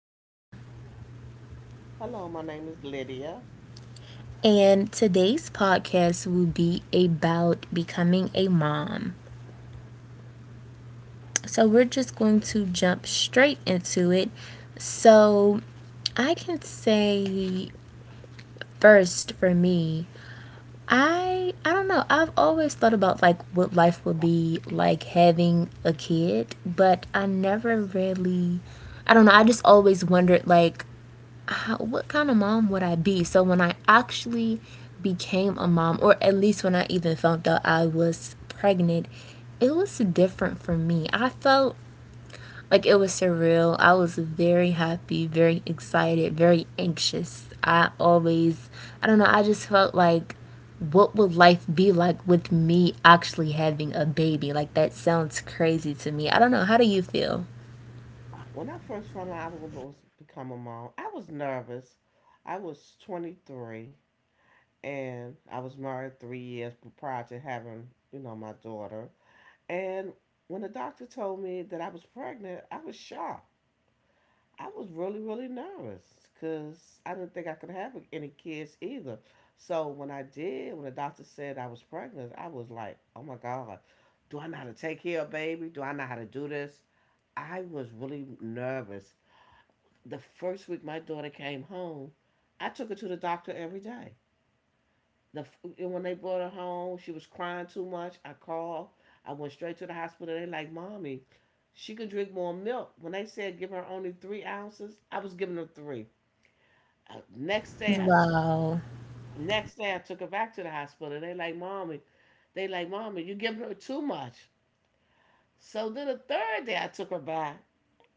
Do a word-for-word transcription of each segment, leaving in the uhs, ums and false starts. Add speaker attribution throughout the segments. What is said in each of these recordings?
Speaker 1: Jayla,
Speaker 2: Hello, my name is Lydia.
Speaker 1: and today's podcast will be about becoming a mom. So we're just going to jump straight into it. So I can say first for me, I I don't know. I've always thought about like what life would be like having a kid, but I never really I don't know. I just always wondered like how, what kind of mom would I be? So when I actually became a mom, or at least when I even found out I was pregnant, it was different for me. I felt like it was surreal. I was very happy, very excited, very anxious. I always, I don't know, I just felt like what would life be like with me actually having a baby? Like that sounds crazy to me. I don't know. How do you feel?
Speaker 2: When I first found out I was becoming a mom, I was nervous. I was twenty-three and I was married three years prior to having, you know, my daughter. And when the doctor told me that I was pregnant, I was shocked. I was really, really nervous because I didn't think I could have any kids either. So when I did, when the doctor said I was pregnant, I was like, oh my God, do I know how to take care of baby? Do I know how to do this? I was really nervous. The first week my daughter came home, I took her to the doctor every day. The and when they brought her home, she was crying too much. I called. I went straight to the hospital. They like, "Mommy, she could drink more milk." When they said give her only three ounces, I was giving her three. Uh, next day, I t-
Speaker 1: Wow.
Speaker 2: next day I took her back to the hospital. They like, "Mommy," they like, "Mommy, you giving her too much." So then the third day I took her back.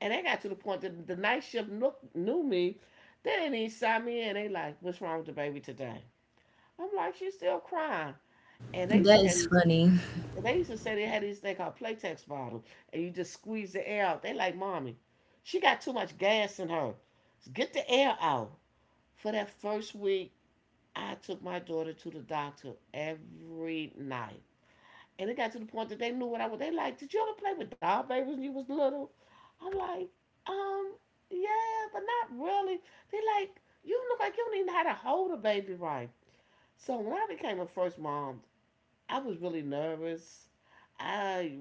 Speaker 2: And they got to the point that the night shift look, knew me. They didn't even sign me in. They like, what's wrong with the baby today? I'm like, she's still crying. And they used to
Speaker 1: That
Speaker 2: have
Speaker 1: is
Speaker 2: these,
Speaker 1: funny.
Speaker 2: and they used to say they had these thing called Playtex bottles, and you just squeeze the air out. They like, mommy, she got too much gas in her. Get the air out. For that first week, I took my daughter to the doctor every night. And it got to the point that they knew what I was. They like, did you ever play with doll babies when you was little? I'm like, um, yeah, but not really. They like, you look like you don't even know how to hold a baby right. So when I became a first mom, I was really nervous. I,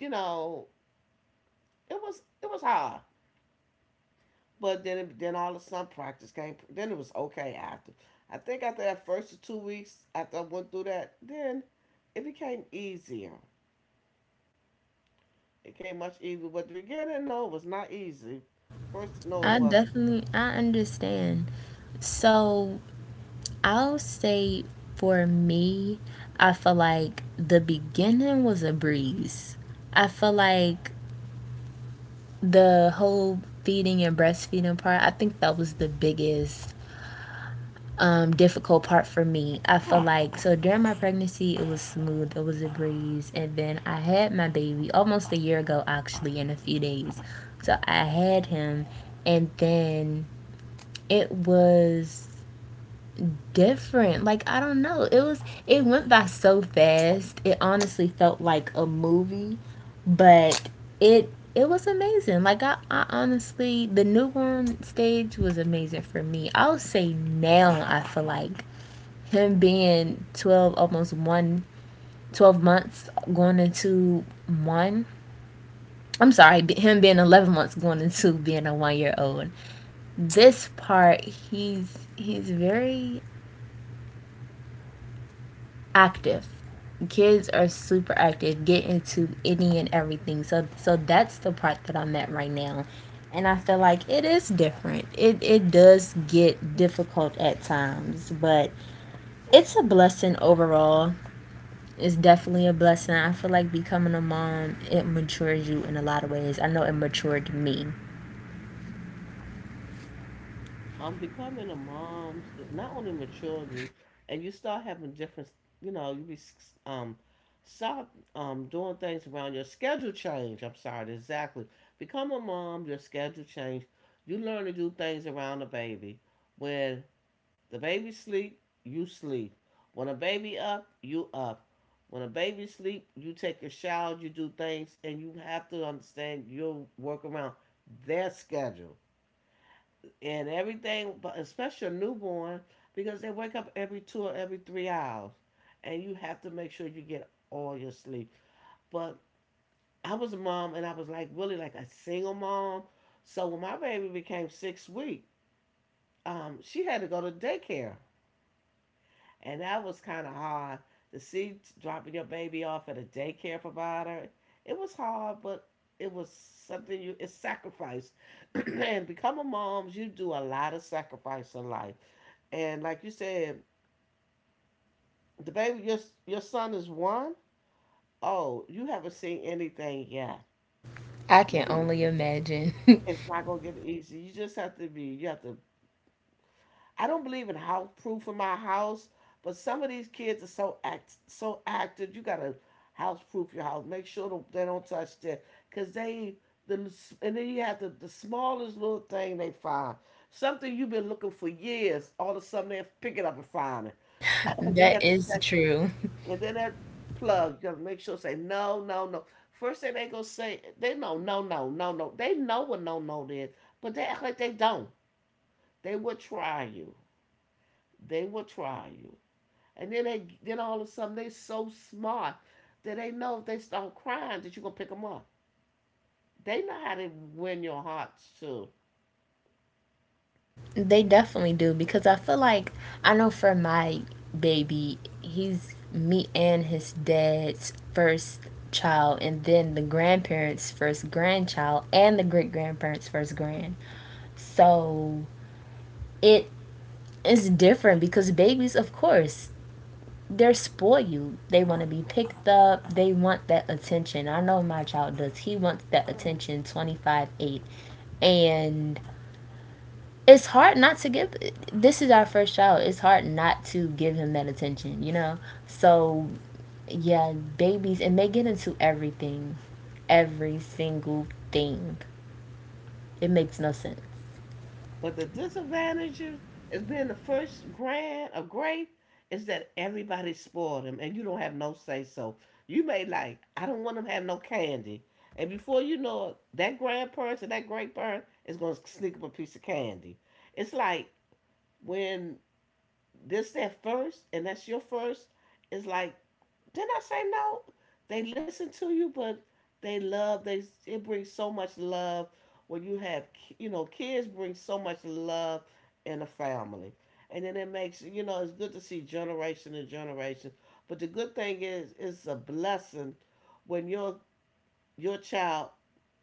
Speaker 2: you know, it was it was hard. But then it, then all of a sudden practice came. Then it was okay after. I think after that first two weeks after I went through that, then it became easier. It came much easier, but the beginning, no, it was not easy. First, no, it
Speaker 1: I
Speaker 2: wasn't.
Speaker 1: definitely I understand. So I'll say for me, I feel like the beginning was a breeze. I feel like the whole feeding and breastfeeding part, I think that was the biggest um, difficult part for me. I feel like so during my pregnancy, it was smooth, it was a breeze, and then I had my baby almost a year ago, actually, in a few days. So I had him, and then it was different. Like I don't know. It was it went by so fast. It honestly felt like a movie, but it it was amazing. Like I, I honestly the newborn stage was amazing for me. I'll say now I feel like him being twelve almost one, twelve months going into one I'm sorry, him being eleven months going into being a one year old. This part he's he's very active. Kids are super active, get into any and everything. So so that's the part that I'm at right now. And I feel like it is different. It it does get difficult at times, but it's a blessing overall. It's definitely a blessing. I feel like becoming a mom, it matures you in a lot of ways. I know it matured me.
Speaker 2: I'm becoming a mom, not only my children, and you start having different, you know, you be s- um, start um doing things around your schedule change. I'm sorry, exactly. Become a mom, your schedule change. You learn to do things around a baby, where The baby sleep, you sleep. When a baby up, you up. When a baby sleep, you take your shower, you do things, and you have to understand you'll work around their schedule and everything, but especially a newborn, because they wake up every two or every three hours, and you have to make sure you get all your sleep. But I was a mom, and I was like really like a single mom. So when my baby became six weeks, um, she had to go to daycare. And that was kind of hard to see dropping your baby off at a daycare provider. It was hard, but it was something you it's sacrifice. And becoming moms, you do a lot of sacrifice in life. And like you said, the baby your your son is one. Oh, you haven't seen anything yet.
Speaker 1: I can only imagine.
Speaker 2: It's not gonna get easy. You just have to be. You have to I don't believe in house proof in my house, but some of these kids are so act so active. You gotta house proof your house. Make sure they don't touch that, cause they the and then you have the the smallest little thing they find something you've been looking for years. All of a sudden they pick it up and find it. And then you
Speaker 1: That
Speaker 2: have to
Speaker 1: is
Speaker 2: check,
Speaker 1: true.
Speaker 2: and then that plug. You gotta make sure say no, no, no. First thing they gonna say, they know no, no, no, no. They know what no, no is, but they act like they don't. They would try you. They will try you. And then they then all of a sudden they so smart that they know if they start crying that you're gonna pick them up. They know how to win your hearts too.
Speaker 1: They definitely do because I feel like I know for my baby, he's me and his dad's first child, and then the grandparents' first grandchild, and the great grandparents' first grand. So it is different because babies, of course, they're spoiled. They want to be picked up, they want that attention. I know my child does. He wants that attention twenty-five eight. And it's hard not to give this is our first child it's hard not to give him that attention, you know. So yeah, babies, and they get into everything, every single thing. It makes no sense.
Speaker 2: But the disadvantage is being the first grand of grade is that everybody spoiled them and you don't have no say so. You may like, I don't want them to have no candy. And before you know it, that grandparent or that great parent is gonna sneak up a piece of candy. It's like when this that first and that's your first It's like, didn't I say no? They listen to you, but they love they it brings so much love. When you have you know kids bring so much love in a family. And then it makes you know it's good to see generation to generation. But the good thing is it's a blessing when your your child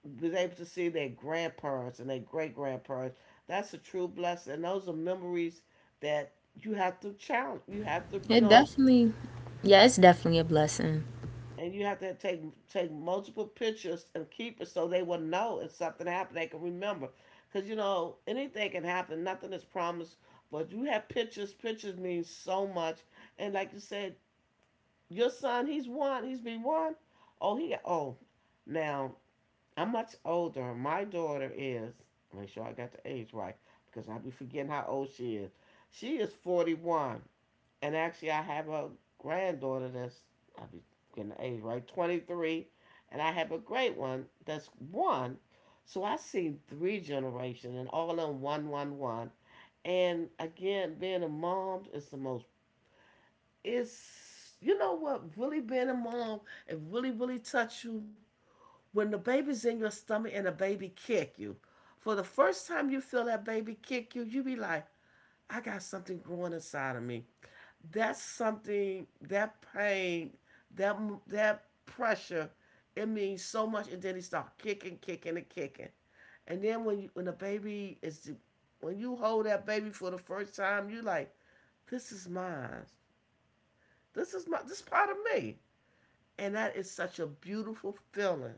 Speaker 2: was able to see their grandparents and their great grandparents. That's a true blessing. And those are memories that you have to challenge. You have to, you
Speaker 1: It
Speaker 2: know,
Speaker 1: definitely, yeah, it's definitely a blessing.
Speaker 2: and you have to take take multiple pictures and keep it so they will know if something happened. They can remember, because you know anything can happen. Nothing is promised. But you have pictures. Pictures mean so much. And like you said, your son, he's one. He's been one. Oh, he. Oh, now I'm much older. My daughter is, make sure I got the age right, because I be forgetting how old she is. She is forty-one. And actually, I have a granddaughter that's, I be getting the age right, twenty-three. And I have a great one that's one. So I seen three generations and all in one, one, one. And again, being a mom is the most, it's, you know what, really being a mom, it really, really touch you when the baby's in your stomach and the baby kick you, for the first time you feel that baby kick you, you be like, I got something growing inside of me. That's something, that pain, that that pressure, it means so much. And then he start kicking, kicking, and kicking. And then when you, when the baby is, when you hold that baby for the first time, you like, this is mine. This is my, this is part of me. And that is such a beautiful feeling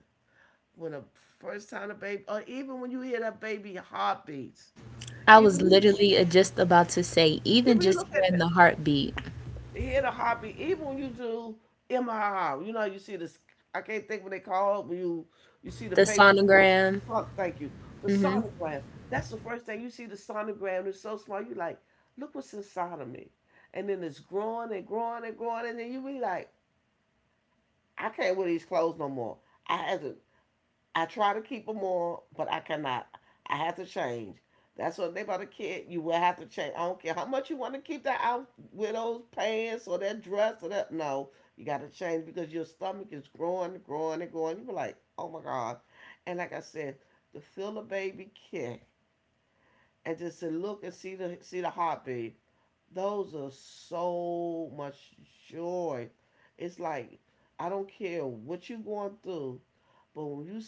Speaker 2: when a first time a baby, or even when you hear that baby heartbeats,
Speaker 1: I was
Speaker 2: even you,
Speaker 1: literally uh, just about to say, even
Speaker 2: even you
Speaker 1: just
Speaker 2: look at
Speaker 1: hearing the heartbeat,
Speaker 2: the, hear the heartbeat, even when you do M R I, you know how you see this. I can't think when they call when you you see the
Speaker 1: the
Speaker 2: paper.
Speaker 1: sonogram,
Speaker 2: Oh, thank you. The
Speaker 1: hmm,
Speaker 2: sonogram. That's the first thing you see. The sonogram. It's so small. You like, look what's inside of me, and then it's growing and growing and growing, and then you be like, I can't wear these clothes no more. I had to I try to keep them on, but I cannot. I have to change. That's what they about a kid. You will have to change. I don't care how much you want to keep that out with those pants or that dress or that. No, you got to change because your stomach is growing, growing, and growing. You be like, oh my god. And like I said, to feel the baby kick and just to look and see the see the heartbeat. Those are so much joy. It's like I don't care what you're going through, but when you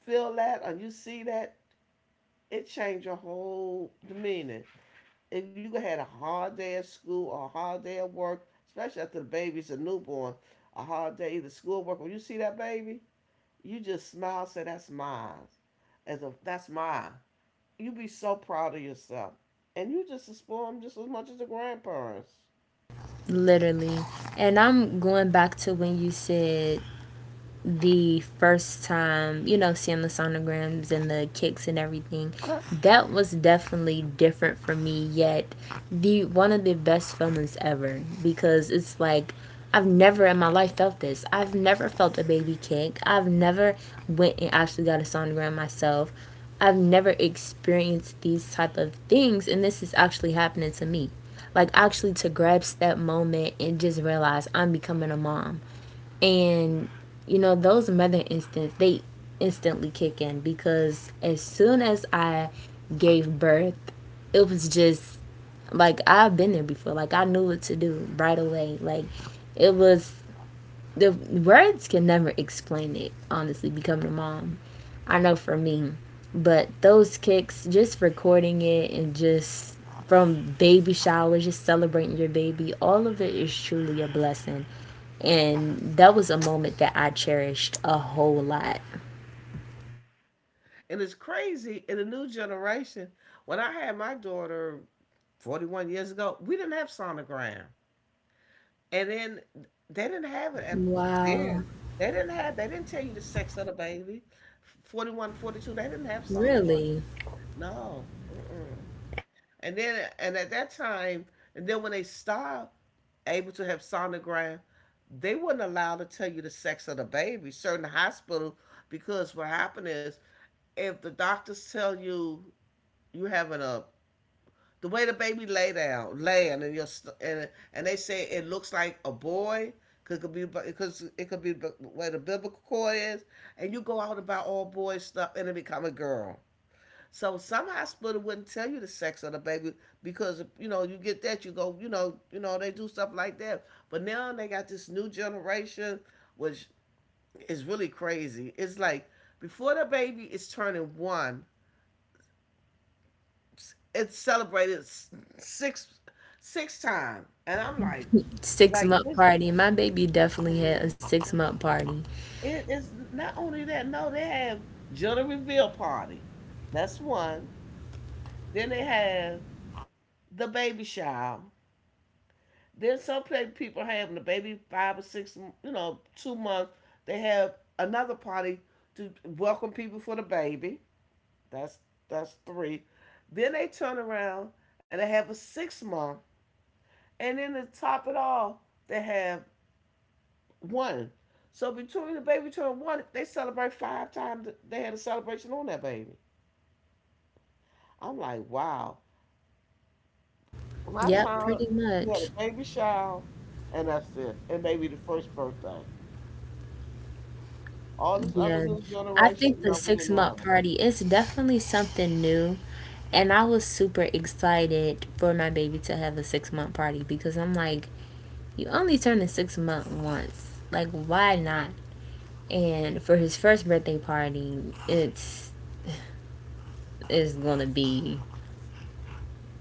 Speaker 2: feel that or you see that, it changed your whole demeanor. If you had a hard day at school or a hard day at work, especially after the baby's a newborn, a hard day either school or work, when you see that baby, you just smile, say that's mine. As a that's mine. You be so proud of yourself. And you just spoil them just as much as the grandparents.
Speaker 1: literally. And I'm going back to when you said the first time, you know, seeing the sonograms and the kicks and everything, that was definitely different for me. Yet, the one of the best feelings ever because it's like I've never in my life felt this. I've never felt a baby kick. I've never went and actually got a sonogram myself. I've never experienced these type of things, and this is actually happening to me. Like actually to grasp that moment and just realize I'm becoming a mom, and you know, those mother instincts, they instantly kick in because as soon as I gave birth, it was just like I've been there before. Like I knew what to do right away. Like it was the words can never explain it, honestly, becoming a mom. I know for me. But those kicks, just recording it and just from baby showers, just celebrating your baby, all of it is truly a blessing. And that was a moment that I cherished a whole lot.
Speaker 2: And it's crazy in the new generation. When I had my daughter forty-one years ago, we didn't have sonogram. And then they didn't have it. And then
Speaker 1: Wow,
Speaker 2: they didn't have, they didn't tell you the sex of the baby. Forty one, forty two. They didn't have sonogram.
Speaker 1: really?
Speaker 2: No. Mm-mm. And then, and at that time, and then when they stopped able to have sonogram, they wouldn't allow to tell you the sex of the baby, certain hospital, because what happened is if the doctors tell you you having a the way the baby lay down, laying, and your and and they say it looks like a boy. 'Cause it could be because it could be b- where the biblical core is, and you go out about all boys stuff, and it become a girl. So some hospital wouldn't tell you the sex of the baby because you know you get that you go you know you know they do stuff like that. But now they got this new generation, which is really crazy. It's like before the baby is turning one, it's celebrated six six times, and I'm like,
Speaker 1: Six
Speaker 2: like
Speaker 1: month
Speaker 2: it's
Speaker 1: party. My baby definitely had a six month party.
Speaker 2: it, it's not only that. No, they have gender reveal party. That's one. Then they have the baby shower. Then some pla- people have when the baby five or six, you know, two months. They have another party to welcome people for the baby. That's that's three. Then they turn around and they have a six month, and then to top it all, they have one. So between the baby turn one, they celebrate five times. They had a celebration on that baby. I'm like, wow. My
Speaker 1: Yep, pretty
Speaker 2: time, you had a
Speaker 1: much.
Speaker 2: baby shower, and that's it. And maybe the first birthday. All this other
Speaker 1: Yeah,
Speaker 2: new
Speaker 1: I
Speaker 2: generation,
Speaker 1: think the
Speaker 2: no, we
Speaker 1: six
Speaker 2: didn't have
Speaker 1: month
Speaker 2: them.
Speaker 1: party is definitely something new. And I was super excited for my baby to have a six month party because I'm like, you only turn a six month once. Like, why not? And for his first birthday party, it's is gonna be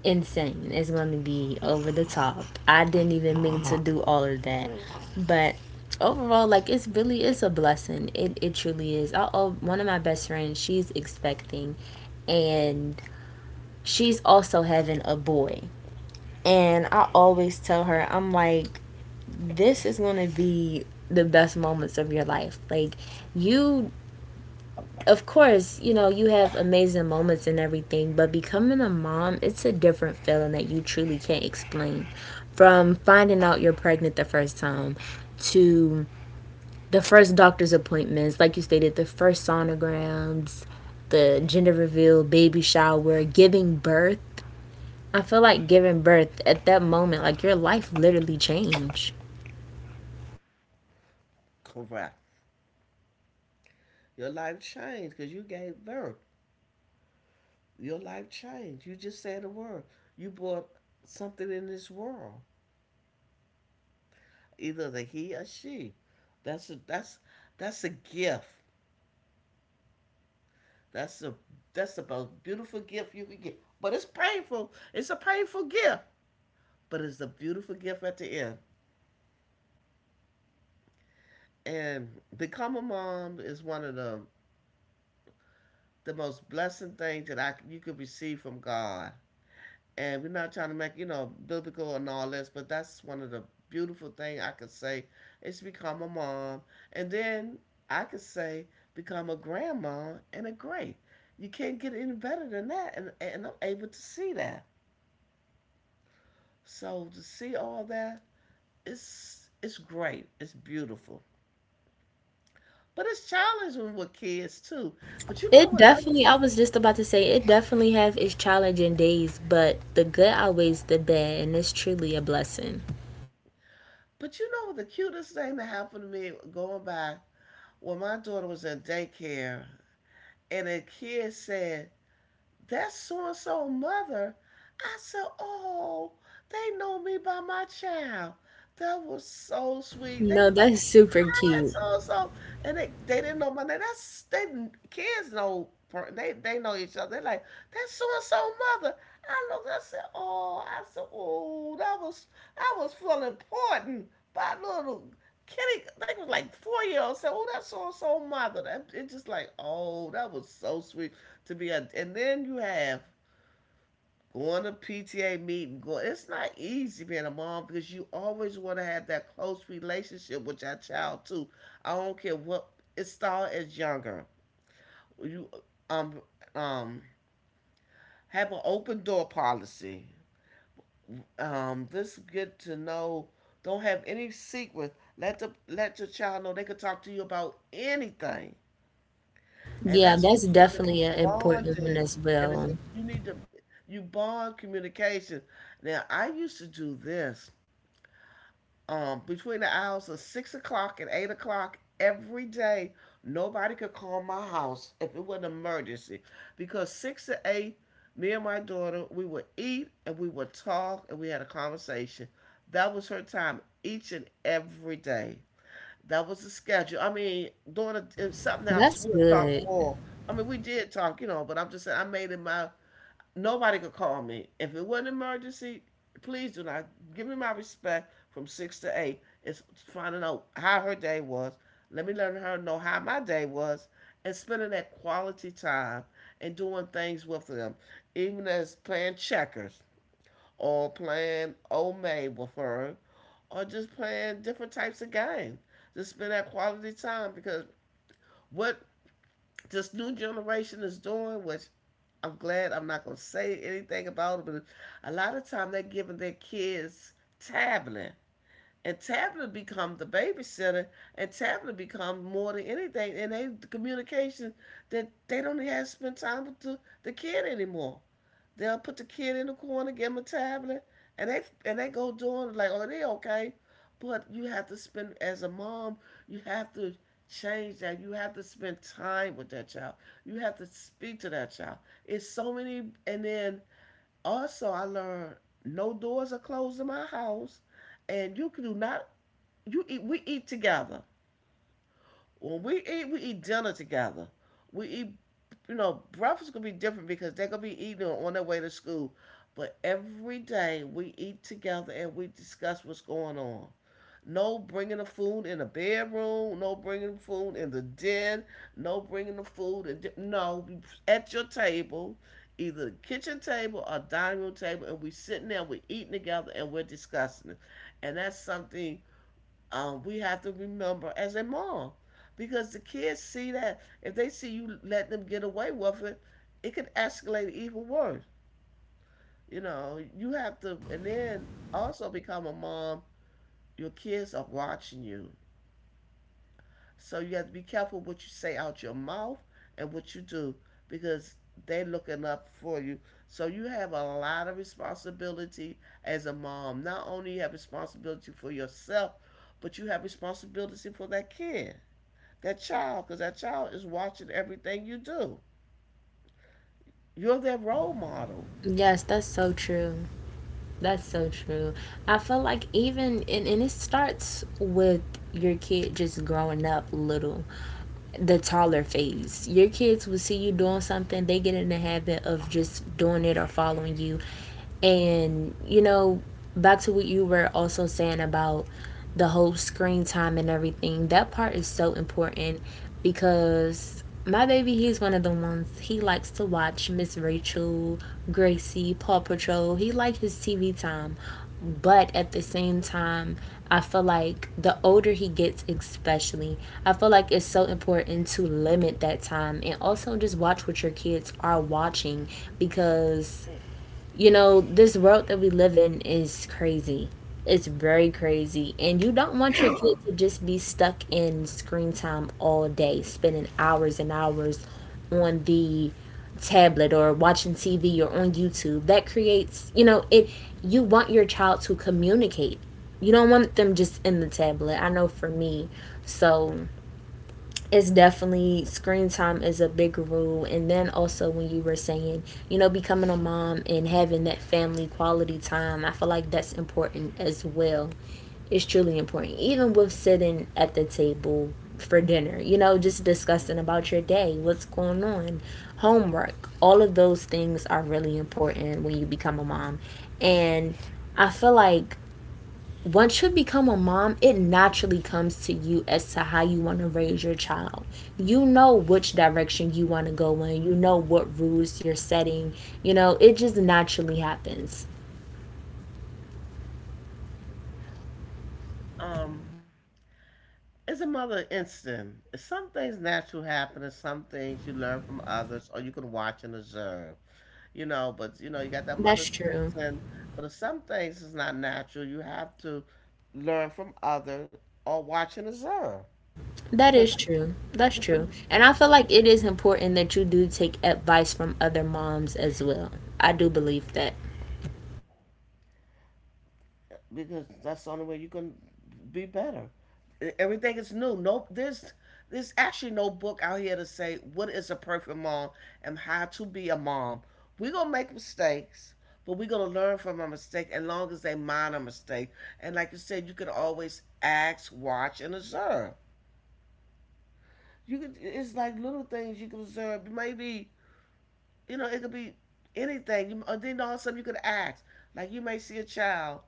Speaker 1: insane. It's gonna be over the top. I didn't even mean to do all of that, but overall like it's really is a blessing, it, it truly is. I, oh, one of my best friends, she's expecting, and she's also having a boy. And I always tell her, I'm like, this is going to be the best moments of your life. Like, you, of course, you know, you have amazing moments and everything, but becoming a mom, it's a different feeling that you truly can't explain. From finding out you're pregnant the first time to the first doctor's appointments, like you stated, the first sonograms, the gender reveal, baby shower, giving birth. I feel like giving birth at that moment, like your life literally changed.
Speaker 2: Correct. Your life changed because you gave birth. Your life changed. You just said a word. You brought something in this world, either the he or she. That's a, that's that's a gift. That's a that's the most beautiful gift you can get. But it's painful. It's a painful gift, but it's a beautiful gift at the end. And become a mom is one of the the most blessing things that I you could receive from God. And we're not trying to make you know biblical and all this, but that's one of the beautiful thing I could say is become a mom, and then I could say become a grandma and a great. You can't get any better than that, and and I'm able to see that. So to see all that, it's it's great. It's beautiful. But it's challenging with kids too. But you know
Speaker 1: It
Speaker 2: what else?
Speaker 1: definitely, I was just about to say, it definitely have its challenging days, but the good outweighs the bad, and it's truly a blessing.
Speaker 2: But you know what the cutest thing that happened to me going by when my daughter was in daycare and a kid said, "That's so and so mother." I said, oh, they know me by my child. That was so sweet. They
Speaker 1: No,
Speaker 2: were like,
Speaker 1: that's super
Speaker 2: "That
Speaker 1: cute.
Speaker 2: so so," and they, they didn't know my name. That's they kids know per- they they know each other. They're like that's so and so mother. I looked. I said, oh, I said, oh, that was I was feeling important by little Kenny. I think it was like four year old. Said, oh, that's so and so mother. That, it's just like, oh, that was so sweet to be a. And then you have going to P T A meeting, going it's not easy being a mom because you always want to have that close relationship with your child too. I don't care what it started as younger. You um um have an open door policy. Um, this get to know. Don't have any secrets. Let the let your child know they could talk to you about anything, and
Speaker 1: Yeah,
Speaker 2: that's what
Speaker 1: that's
Speaker 2: you want to be
Speaker 1: definitely an important one
Speaker 2: bonding.
Speaker 1: as
Speaker 2: And it's
Speaker 1: well.
Speaker 2: a, you need to you bond communication. Now I used to do this um, between the hours of six o'clock and eight o'clock every day. Nobody could call my house if it was an emergency because six to eight, me and my daughter, we would eat and we would talk and we had a conversation. That was her time each and every day. That was the schedule. I mean, daughter, if something else,
Speaker 1: That's
Speaker 2: we'll talk
Speaker 1: good.
Speaker 2: more. I mean, we did talk, you know, but I'm just saying I made it my nobody could call me. If it was an emergency, please do not give me my respect from six to eight. It's finding out how her day was. Let me let her know how my day was and spending that quality time and doing things with them, even as playing checkers or playing old maid with her or just playing different types of games. Just spend that quality time because what this new generation is doing, which I'm glad I'm not gonna say anything about it, but a lot of time they're giving their kids tablet, and tablet become the babysitter, and tablet become more than anything, and they the communication that they don't even have to spend time with the, the kid anymore. They'll put the kid in the corner, give him a tablet, and they and they go doing it like, oh, they okay. But you have to spend as a mom, you have to change that. You have to spend time with that child. You have to speak to that child. It's so many and then also I learned no doors are closed in my house and you can do not you eat we eat together. When we eat, we eat dinner together. We eat, you know, breakfast gonna be different because they're gonna be eating on their way to school. But every day we eat together and we discuss what's going on. No bringing the food in the bedroom. No bringing the food in the den. No bringing the food. In no, at your table, either the kitchen table or dining room table, and we sitting there. We're eating together and we're discussing it. And that's something um, we have to remember as a mom because the kids see that if they see you let them get away with it, it could escalate even worse. You know, you have to, and then also become a mom, your kids are watching you. So you have to be careful what you say out your mouth and what you do because they're looking up for you. So you have a lot of responsibility as a mom. Not only you have responsibility for yourself, but you have responsibility for that kid. That child because that child is watching everything you do. You're their role model.
Speaker 1: Yes, that's so true. That's so true. I feel like even, and, and it starts with your kid just growing up little, the taller phase. Your kids will see you doing something, they get in the habit of just doing it or following you. And, you know, back to what you were also saying about the whole screen time and everything, that part is so important because my baby, he's one of the ones, he likes to watch Miss Rachel, Gracie, Paw Patrol. He likes his T V time. But at the same time, I feel like the older he gets, especially, I feel like it's so important to limit that time and also just watch what your kids are watching, because you know, this world that we live in is crazy. It's very crazy. And you don't want your kid to just be stuck in screen time all day, spending hours and hours on the tablet or watching T V or on YouTube. That creates, you know, it you want your child to communicate. You don't want them just in the tablet. I know for me. So it's definitely screen time is a big rule, and then also when you were saying, you know, becoming a mom and having that family quality time, I feel like that's important as well. It's truly important, even with sitting at the table for dinner, you know, just discussing about your day, what's going on, homework, all of those things are really important when you become a mom. And I feel like once you become a mom, it naturally comes to you as to how you want to raise your child. You know which direction you want to go in, you know what rules you're setting. You know, it just naturally happens.
Speaker 2: Um, it's another instant. Some things natural happen, and some things you learn from others, or you can watch and observe. You know, but you know, you got that
Speaker 1: That's
Speaker 2: mother's
Speaker 1: true.
Speaker 2: instinct. But if some things is not natural, you have to learn from other or watch and observe
Speaker 1: That
Speaker 2: because
Speaker 1: is true. That's
Speaker 2: because
Speaker 1: true. And I feel like it is important that you do take advice from other moms as well. I do believe that.
Speaker 2: because that's the only way you can be better. E- Everything is new. No, there's there's actually no book out here to say what is a perfect mom and how to be a mom. We're gonna make mistakes, but we're gonna learn from our mistake as long as they minor mistake. And like you said, you can always ask, watch, and observe. You could it's like little things you can observe. Maybe you know it could be anything. And then all of a sudden you could ask. Like you may see a child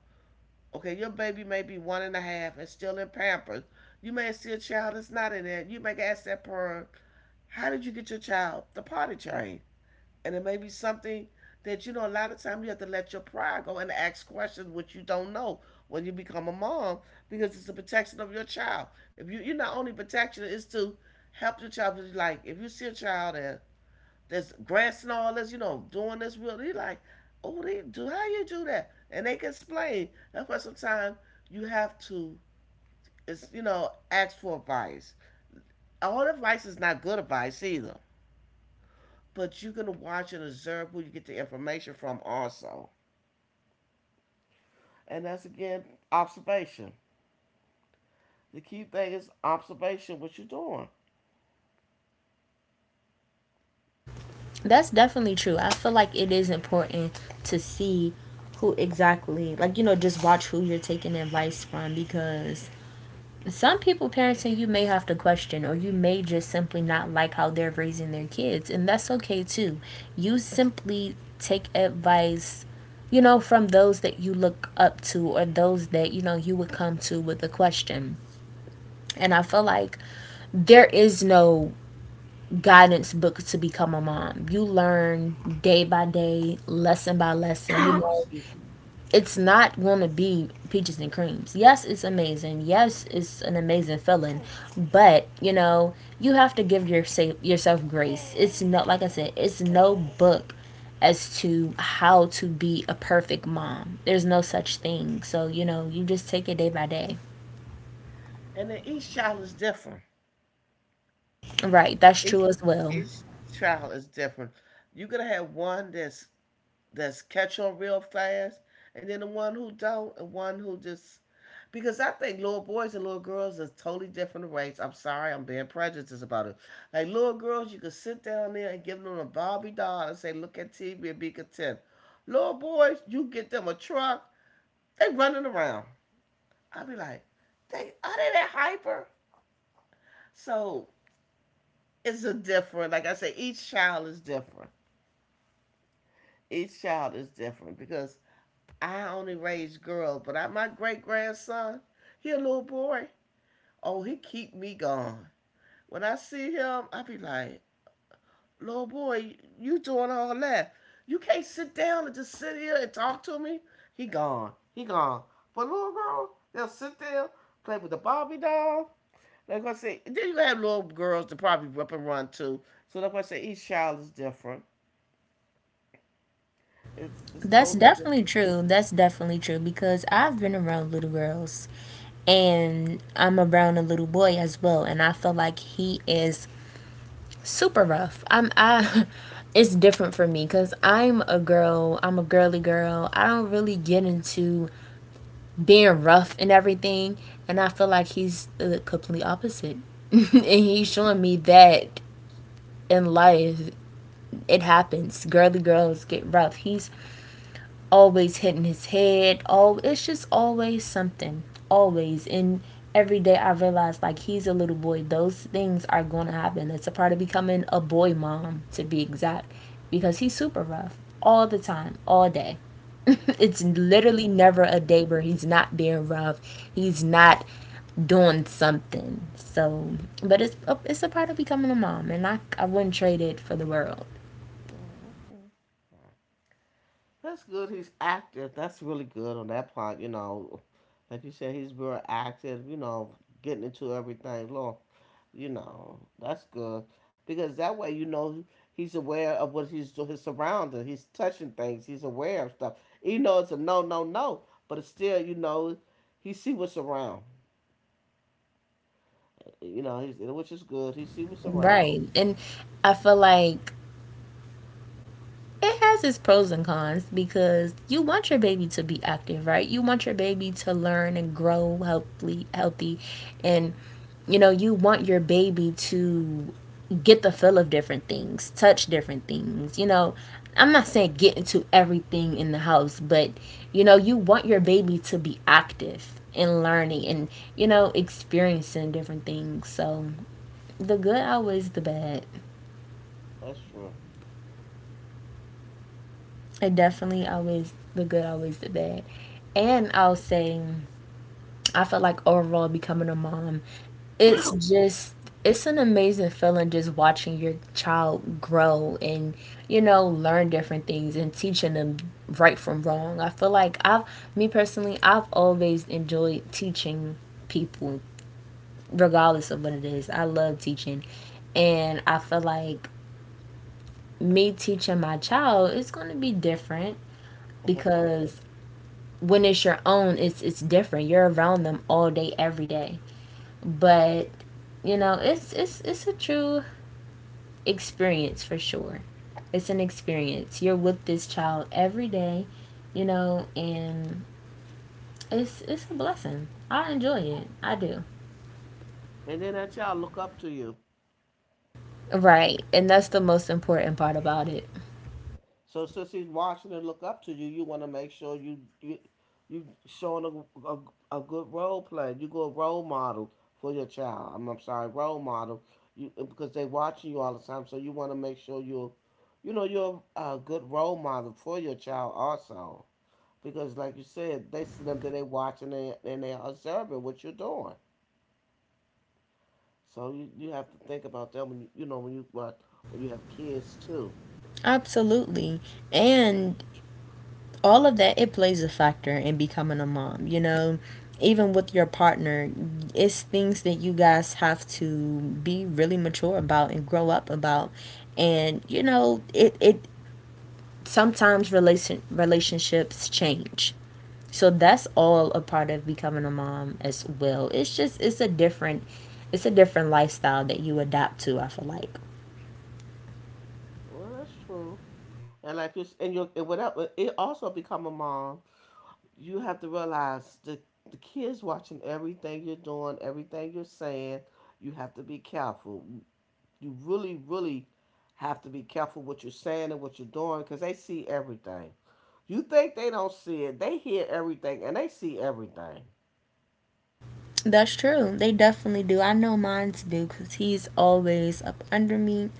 Speaker 2: okay, your baby may be one and a half and still in Pampers. You may see a child that's not in there. You may ask that parent, how did you get your child the potty trained? And it may be something that, you know, a lot of times you have to let your pride go and ask questions which you don't know when you become a mom because it's the protection of your child. If you, you're not only protection, it's to help your child. Because, like, if you see a child and that's grasping all this, you know, doing this real. They like, oh, they do how you do that, and they can explain. That's why sometimes you have to, it's you know, ask for advice. All advice is not good advice either, but you're gonna watch and observe who you get the information from also, and that's again observation. The key thing is observation. What you're doing.
Speaker 1: That's definitely true. I feel like it is important to see who exactly, like, you know, just watch who you're taking advice from, because some people parenting you may have to question, or you may just simply not like how they're raising their kids, and that's okay too. You simply take advice, you know, from those that you look up to or those that you know you would come to with a question. And I feel like there is no guidance book to become a mom. You learn day by day, lesson by lesson, you know.
Speaker 2: Excuse me.
Speaker 1: It's not going to be peaches and creams. Yes, it's amazing. Yes, it's an amazing feeling, but you know you have to give your sa- yourself grace. It's no, like I said, it's no book as to how to be a perfect mom. There's no such thing. So you know you just take it day by day.
Speaker 2: And then each child is different.
Speaker 1: Right, that's
Speaker 2: Each
Speaker 1: true as well.
Speaker 2: each child is different. You're gonna have one that's that's catch on real fast, and then the one who don't, and one who just because I think little boys and little girls are totally different rates. I'm sorry, I'm being prejudiced about it. Like little girls, you could sit down there and give them a Barbie doll and say, "Look at T V and be content." Little boys, you get them a truck, they running around. I will be like, they are they that hyper? So it's a different. Like I say, each child is different. Each child is different because I only raised girls, but I, my great grandson, he a little boy. Oh, he keep me gone. When I see him, I be like, little boy, you doing all that. You can't sit down and just sit here and talk to me. He gone. He gone. But little girl, they'll sit there, play with the Barbie doll. Like I say, then you have little girls to probably up and run too. So like I say, each child is different. It's, it's
Speaker 1: That's
Speaker 2: totally
Speaker 1: definitely
Speaker 2: different.
Speaker 1: true. That's definitely true because I've been around little girls and I'm around a little boy as well, and I feel like he is super rough. I'm I it's different for me cuz I'm a girl. I'm a girly girl. I don't really get into being rough and everything, and I feel like he's the complete opposite. And he's showing me that in life it happens. Girly girls get rough. He's always hitting his head. Oh, it's just always something. Always. And every day I realize like he's a little boy. Those things are going to happen. It's a part of becoming a boy mom, to be exact, because he's super rough all the time, all day. It's literally never a day where he's not being rough. He's not doing something. So, but it's a, it's a part of becoming a mom, and I I wouldn't trade it for the world.
Speaker 2: Mhm. That's good. He's active. That's really good on that part. You know, like you said, he's very active. You know, getting into everything. Lord, you know, that's good because that way you know he's aware of what he's his surroundings. He's touching things. He's aware of stuff. Even though it's a no, no, no, but it's still you know he see what's around. You know, he's, which is good. He see what's around.
Speaker 1: Right. And I feel like it has its pros and cons because you want your baby to be active, right? You want your baby to learn and grow healthy, healthy, and you know you want your baby to get the feel of different things, touch different things. You know, I'm not saying get into everything in the house, but you know you want your baby to be active and learning and you know experiencing different things. So the good outweighs the bad.
Speaker 2: That's true.
Speaker 1: It definitely always the good, always the bad. And I'll say, I feel like overall becoming a mom, it's just, it's an amazing feeling just watching your child grow and, you know, learn different things and teaching them right from wrong. I feel like I've, me personally, I've always enjoyed teaching people, regardless of what it is. I love teaching. And I feel like me teaching my child is going to be different because when it's your own, it's it's different. You're around them all day, every day. But you know, it's it's it's a true experience for sure. It's an experience. You're with this child every day, you know, and it's it's a blessing. I enjoy it. I do.
Speaker 2: And then that child look up to you.
Speaker 1: Right. And that's the most important part about it.
Speaker 2: So since he's watching and look up to you, you want to make sure you you you showing a, a, a good role play. You go a role model for your child. I'm, I'm sorry, role model. You because they watching you all the time, so you want to make sure you're you know you're a good role model for your child also. Because like you said, they see them that they watching and, and they are observing what you're doing. So you, you have to think about that when you you know when you uh, when you have kids too.
Speaker 1: Absolutely. And all of that it plays a factor in becoming a mom, you know, even with your partner, it's things that you guys have to be really mature about and grow up about. And you know it it sometimes relation relationships change, so that's all a part of becoming a mom as well. It's just it's a different, it's a different lifestyle that you adapt to, I feel like.
Speaker 2: Well, that's true. And like you and your and without it also become a mom, you have to realize the the kids watching everything you're doing, everything you're saying. You have to be careful. You really, really have to be careful what you're saying and what you're doing because they see everything. You think they don't see it? They hear everything and they see everything,
Speaker 1: That's true. They definitely do. I know mine's do because he's always up under me,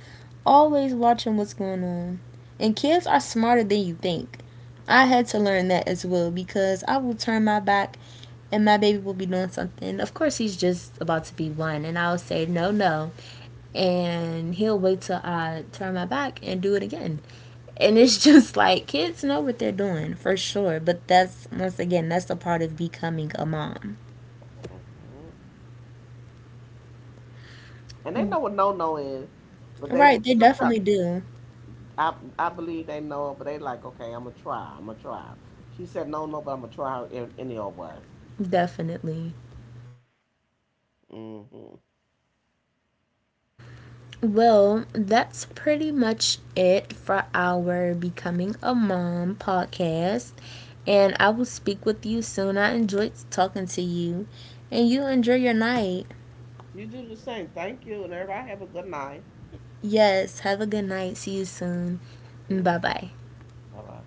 Speaker 1: always watching what's going on. And kids are smarter than you think. I had to learn that as well because I will turn my back and my baby will be doing something. Of course, he's just about to be one, and I'll say, no, no. And he'll wait till I turn my back and do it again. And it's just like kids know what they're doing for sure. But that's, once again, that's a part of becoming a mom.
Speaker 2: and they know what no no is. But they
Speaker 1: Right, they definitely
Speaker 2: sometimes
Speaker 1: do.
Speaker 2: I I believe they know, but they like okay, I'm gonna try, I'm gonna try. She said no no, but I'm gonna try her in any old way.
Speaker 1: Definitely.
Speaker 2: hmm
Speaker 1: Well, that's pretty much it for our Becoming a Mom podcast. And I will speak with you soon. I enjoyed talking to you. And you enjoy your night.
Speaker 2: You do the same. Thank you, and everybody have a good night.
Speaker 1: Yes, have a good night. See you soon.
Speaker 2: See.
Speaker 1: Bye bye.
Speaker 2: Bye bye.